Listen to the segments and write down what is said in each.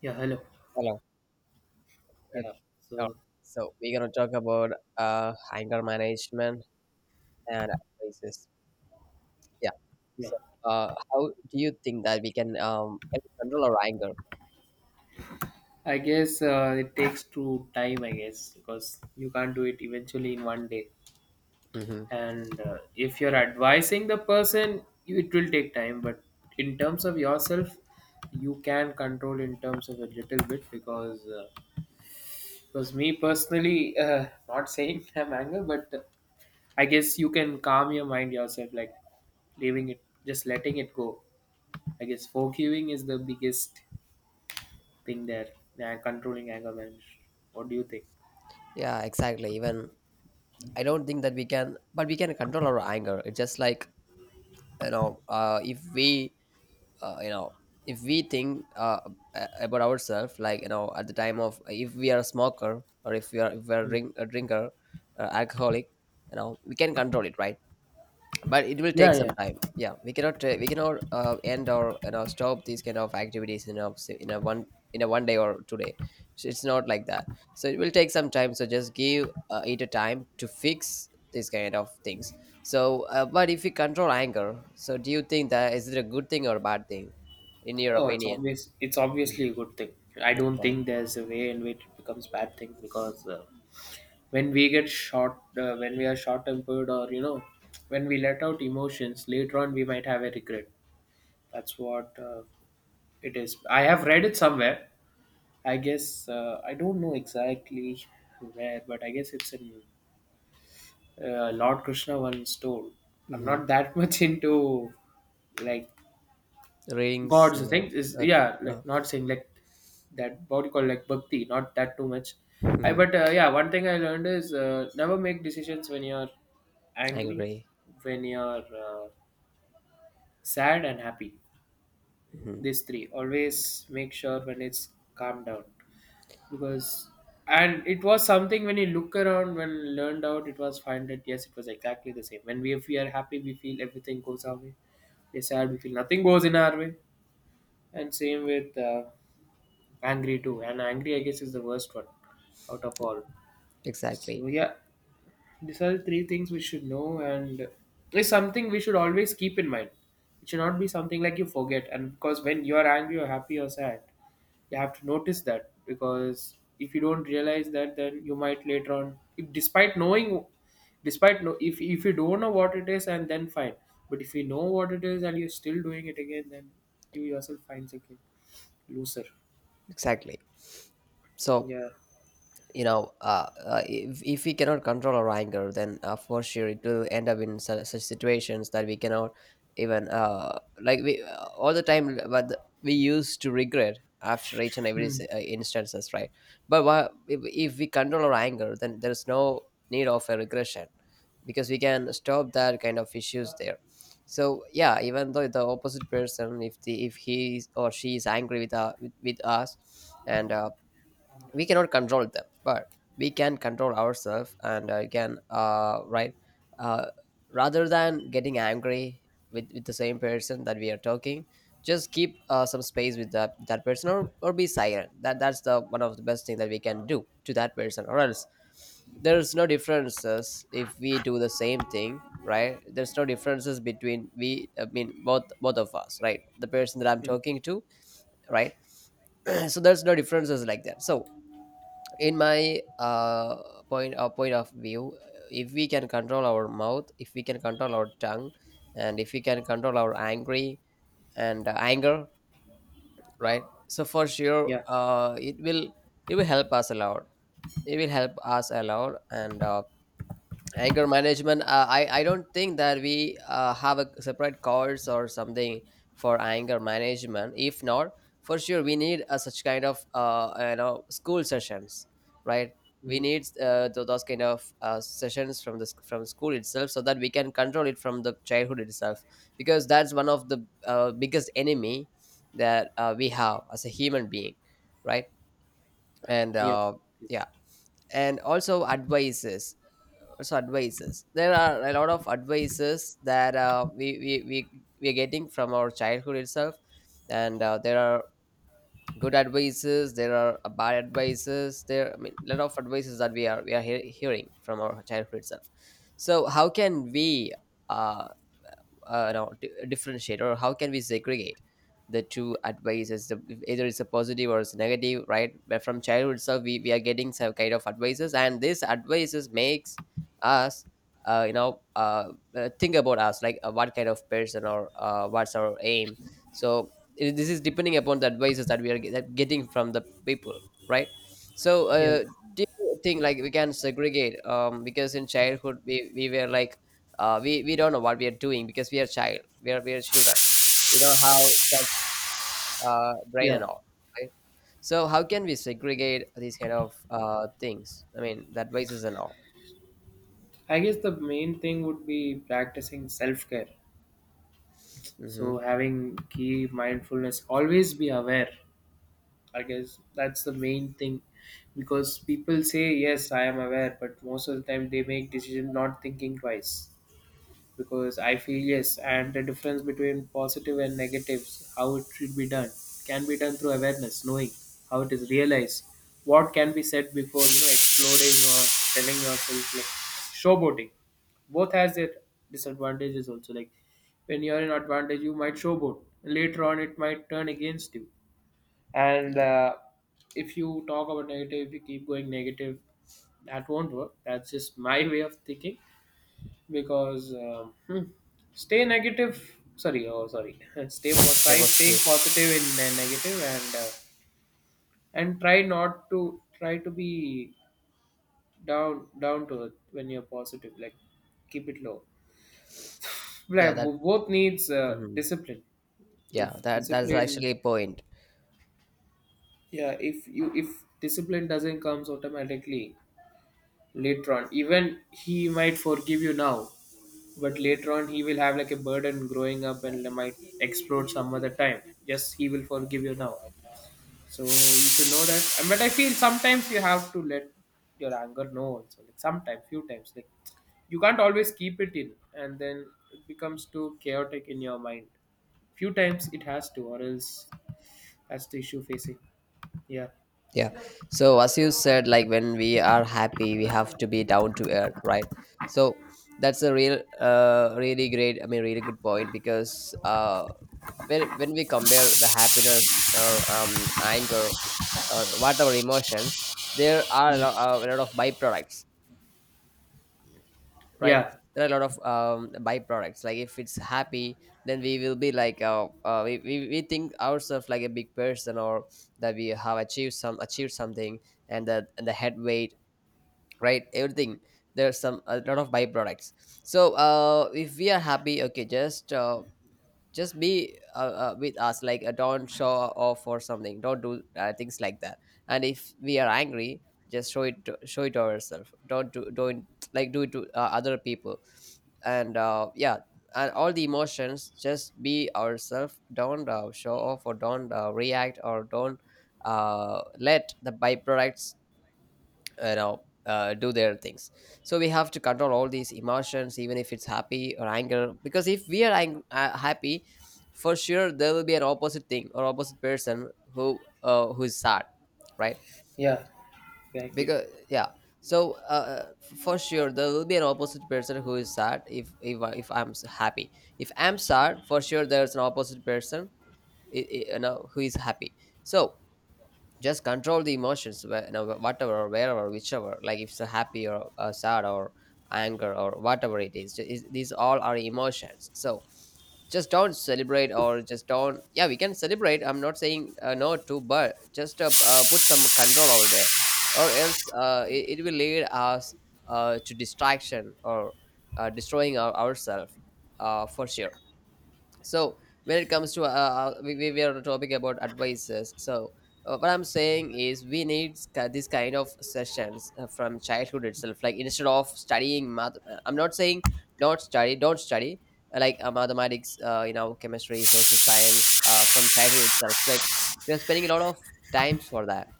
Yeah, hello. Hello. Okay. Yeah, Oh, so so we're gonna talk about anger management and crisis. Yeah. yeah, So how do you think that we can we control our anger? I guess it takes two time. I guess because you can't do it eventually in one day. Hmm. And if you're advising the person, it will take time. But in terms of yourself, you can control in terms of a little bit because me personally, not saying I'm angry, but I guess you can calm your mind yourself, like leaving it, just letting it go. I guess forgiving is the biggest thing there and controlling anger management. What do you think? Yeah, exactly. Even I don't think that we can, but we can control our anger. It's just like if we uh, you know if we think about ourselves, like at the time of if we are a smoker or if we are a, Hmm. A drinker, alcoholic, you know, we can control it, right? But it will Yeah, take some yeah. time, yeah, we cannot end or you know stop these kind of activities in a one day or 2 day. So it's not like that. So it will take some time. So just give it a time to fix these kind of things. So but if we control anger, so do you think that is it a good thing or a bad thing in your Oh, it's opinion? obvious. It's obviously a good thing. I don't Okay. think there's a way in which it becomes bad thing because when we get short, when we are short tempered, or you know, when we let out emotions, later on we might have a regret. That's what it is. I have read it somewhere. I guess I don't know exactly where, but I guess it's in Lord Krishna once told. I'm Mm-hmm. not that much into like Readings, gods and things. Is okay, yeah, like well, not saying like that what you call like bhakti, not that too much. I, mhm, but uh, yeah, one thing I learned is never make decisions when you're I angry, agree. when you're sad and happy. Hmm. These three always make sure when it's calmed down. Because, and it was something when you look around when learned out, it was find that yes, it was exactly the same. When we, if we are happy, we feel everything goes our way. We're sad, we feel nothing goes in our way, and same with angry too. And angry, I guess, is the worst one out of all. Exactly. So yeah, these are the three things we should know, and it's something we should always keep in mind. It should not be something like you forget. And because when you're angry or happy or sad, you have to notice that. Because if you don't realize that, then you might later on, if, despite knowing, despite no, if you don't know what it is, and then fine. But if you know what it is and you're still doing it again, then you yourself finds again loser. Exactly. So Yeah. If we cannot control our anger, then for sure it will end up in such, such situations that we cannot even like we all the time but we used to regret after each and every instances, right? But if we control our anger, then there's no need of a regression because we can stop that kind of issues there. So yeah, even though the opposite person, if the if he is- or she is angry with us, and we cannot control them, but we can control ourselves, and can right, uh, rather than getting angry with the same person that we are talking, just keep some space with that, that person or be silent, that that's the one of the best thing that we can do to that person, or else there's no differences if we do the same thing, right, there's no differences between we, I mean both both of us, right, the person that I'm Mm. talking to, right. So there's no differences like that. So in my point of view, if we can control our mouth, if we can control our tongue, and if we can control our angry and anger, right, so for sure Yeah. It will, it will help us a lot, it will help us a lot, and anger management, I don't think that we have a separate course or something for anger management. If not, for sure we need a such kind of you know school sessions, right, we Mm. need those kind of sessions from the from school itself, so that we can control it from the childhood itself, because that's one of the biggest enemy that we have as a human being, right, and Yeah. Yeah, and also advices. So advices, there are a lot of advices that we, we are getting from our childhood itself, and there are good advices, there are bad advices there, I mean a lot of advices that we are hearing from our childhood itself. So how can we uh, no, di- differentiate or how can we segregate the two advice, as the, if either it's a positive or it's negative, right, but from childhood itself we are getting some kind of advices, and this advices makes us uh, you know uh, think about us like what kind of person or what's our aim. So it, this is depending upon the advices that we are that getting from the people, right. So Yeah. Do you think like we can segregate because in childhood we were like we don't know what we are doing because we are child, we are children. We don't have such brain and Yeah. all, right. So how can we segregate these kind of things, I mean that basis and all. I guess the main thing would be practicing self care. Mm-hmm. So having key mindfulness, always be aware. I guess that's the main thing, because people say, "Yes, I am aware," but most of the time they make decision not thinking twice, because I feel yes, and the difference between positive and negatives, how it should be done, can be done through awareness, knowing how it is realized, what can be said before you know exploring or telling yourself like showboating. Both has their disadvantages also. Like when you're in advantage, you might showboat. Later on, it might turn against you. And Yeah. If you talk about negative, if you keep going negative, that won't work. That's just my way of thinking because stay negative, sorry, oh sorry, try Stable staying skill. positive in the negative, and try not to try to be down down to it when you're positive, like keep it low, Yeah like, that. Both needs Hmm. discipline. if Yeah that, that's discipline actually a point. yeah if you, if discipline doesn't comes automatically, later on even he might forgive you now, but later on he will have like a burden growing up and might explode some other time. Yes, he will forgive you now, so you should know that. And but I feel sometimes you have to let your anger know also, like sometimes, few times, like you can't always keep it in, and then it becomes too chaotic in your mind. Few times it has to, or else that's the issue facing. Yeah, Yeah. So as you said, like when we are happy, we have to be down to earth, right? So that's a real, really great. I mean, really good point because when we compare the happiness or anger or whatever emotions, there are a lot of byproducts, right, yeah, there are a lot of byproducts, like if it's happy then we will be like we think ourselves like a big person or that we have achieved some achieved something, and the head weight, right, everything, there's some a lot of byproducts. So if we are happy, okay just be with us, like don't show off or something, don't do things like that. And if we are angry, just show it to ourselves, don't do don't, like do it to other people. And yeah, and all the emotions just be ourselves, don't show off or don't react or don't let the byproducts you know do their things. So we have to control all these emotions even if it's happy or anger, because if we are happy, for sure there will be an opposite thing or opposite person who is sad, right, yeah, exactly. because yeah, so for sure there will be an opposite person who is sad, if, if I'm happy, if I'm sad for sure there's an opposite person, you know who is happy. So just control the emotions where, you know, whatever or wherever whichever, like if it's a happy or sad or anger or whatever it is, these all are emotions. So just don't celebrate or just don't, yeah we can celebrate, I'm not saying no to, but just put some control over there, or else it, it will lead us to distraction or destroying our, ourselves, for sure. So when it comes to we were on a topic about advices. So what I'm saying is we need this kind of sessions from childhood itself, like instead of studying math, I'm not saying don't study don't study, mathematics, you know chemistry, social science, from childhood itself, like we are spending a lot of times for that.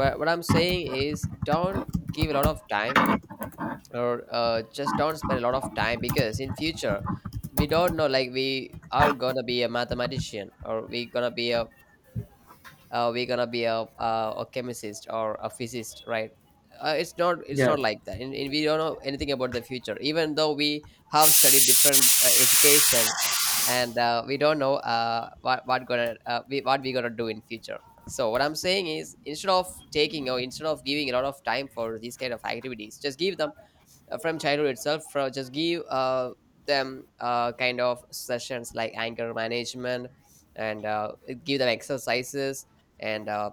What I'm saying is, don't give a lot of time or just don't spend a lot of time, because in future we don't know, like we are gonna be a mathematician, or we gonna be a a chemist or a physicist, right. It's not, it's Yeah, not like that, and we don't know anything about the future, even though we have studied different education, and we don't know what gonna what we gonna do in future. So what I'm saying is, instead of taking or instead of giving a lot of time for these kind of activities, just give them from childhood itself, from just give them kind of sessions like anger management, and give them exercises, and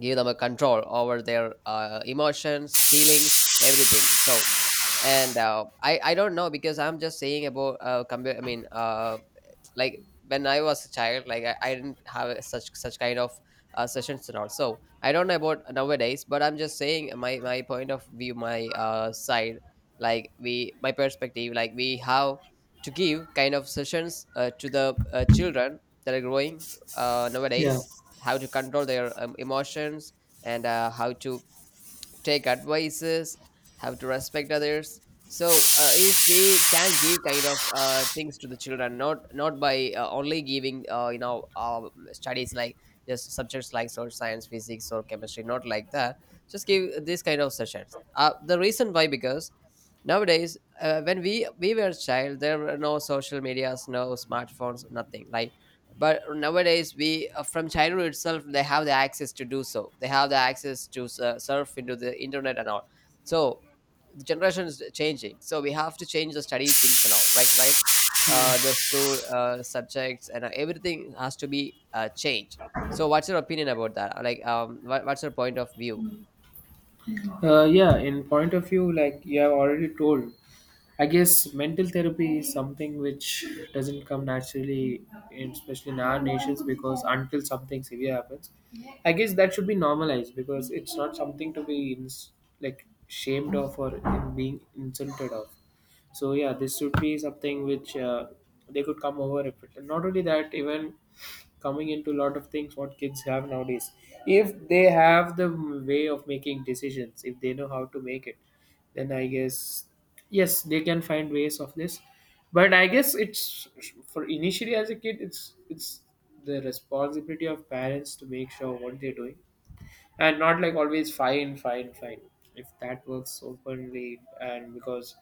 give them a control over their emotions, feelings, everything. So, and I don't know, because I'm just saying about I mean like when I was a child, like I didn't have a such kind of sessions and all, so I don't know about nowadays, but I'm just saying my point of view, my side, like we, my perspective, like we have to give kind of sessions to the children that are growing yeah. nowadays, how to control their emotions, and how to take advices, have to respect others. So if we can give kind of things to the children, not not by only giving you know studies, like just subjects like social science, physics, or chemistry, not like that. Just give this kind of sessions. The reason why, because nowadays when we were a child, there were no social medias, no smartphones, nothing like, but nowadays we from childhood itself, they have the access to do so, they have the access to surf into the internet and all. So the generation is changing, so we have to change the study things and all, right, right. The school subjects and everything has to be changed. So what's your opinion about that? Like what, what's your point of view? Yeah, in point of view, like you have already told, I guess mental therapy is something which doesn't come naturally, in, especially in our nations, because until something severe happens, I guess that should be normalized, because it's not something to be like shamed of or in being insulted of. So yeah, this should be something which they could come over. If it, not only that, even coming into a lot of things what kids have nowadays, if they have the way of making decisions, if they know how to make it, then I guess yes, they can find ways of this. But I guess it's, for initially as a kid, it's the responsibility of parents to make sure what they're doing, and not like always fine, fine, fine. If that works openly, and because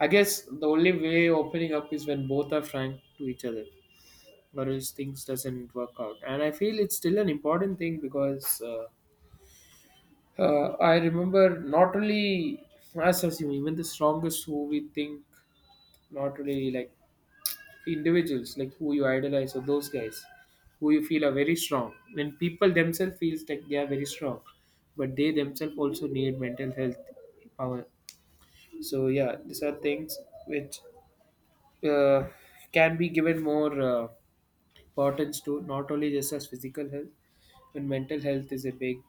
I guess the only way opening up is when both are frank to each other, or else things doesn't work out. And I feel it's still an important thing because I remember not only us as human, even the strongest who we think, not really, like individuals like who you idolize or those guys who you feel are very strong, when people themselves feels like they are very strong, but they themselves also need mental health power. So yeah, these are things which uh, can be given more importance to, not only just as physical health, but mental health is a big,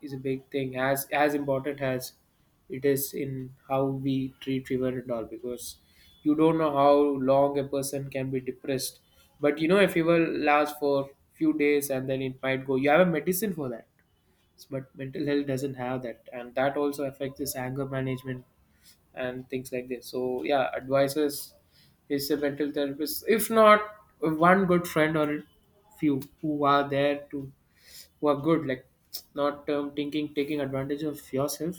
is a big thing, as important as it is in how we treat fever and all. Because you don't know how long a person can be depressed, but you know a fever lasts for few days and then it might go, you have a medicine for that. But mental health doesn't have that, and that also affects this anger management and things like this. So yeah, advisors is a mental therapist. If not, one good friend or few who are there to, who are good, like not thinking taking advantage of yourself.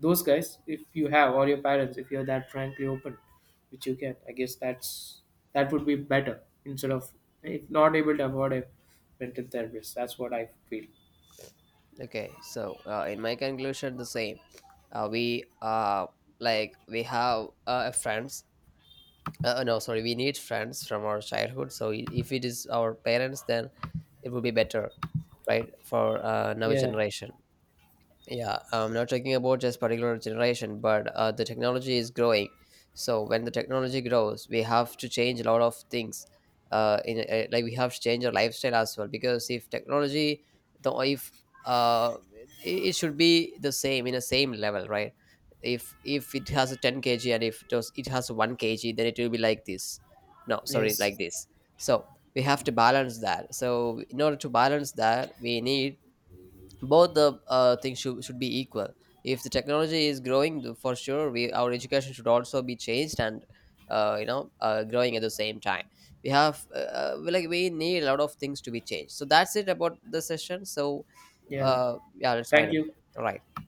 Those guys, if you have, or your parents, if you're that frankly open, which you can, I guess that's, that would be better instead of, if not able to afford a mental therapist. That's what I feel. Okay, so in my conclusion, the same we like we have friends. No, sorry, we need friends from our childhood. So if it is our parents, then it would be better, right, for now Yeah. generation. Yeah, I'm not talking about just particular generation, but the technology is growing. So when the technology grows, we have to change a lot of things. In like we have to change our lifestyle as well, because if technology, the if uh, it, it should be the same in a same level, right? If it has a 10 kg and if it does it has a 1 kg, then it will be like this. No, sorry, Yes. like this. So we have to balance that. So in order to balance that, we need both the things should be equal. If the technology is growing for sure we our education should also be changed, and you know growing at the same time, we have like we need a lot of things to be changed. So that's it about the session. So Yeah. Yeah, let's wind Thank up here. you. All right.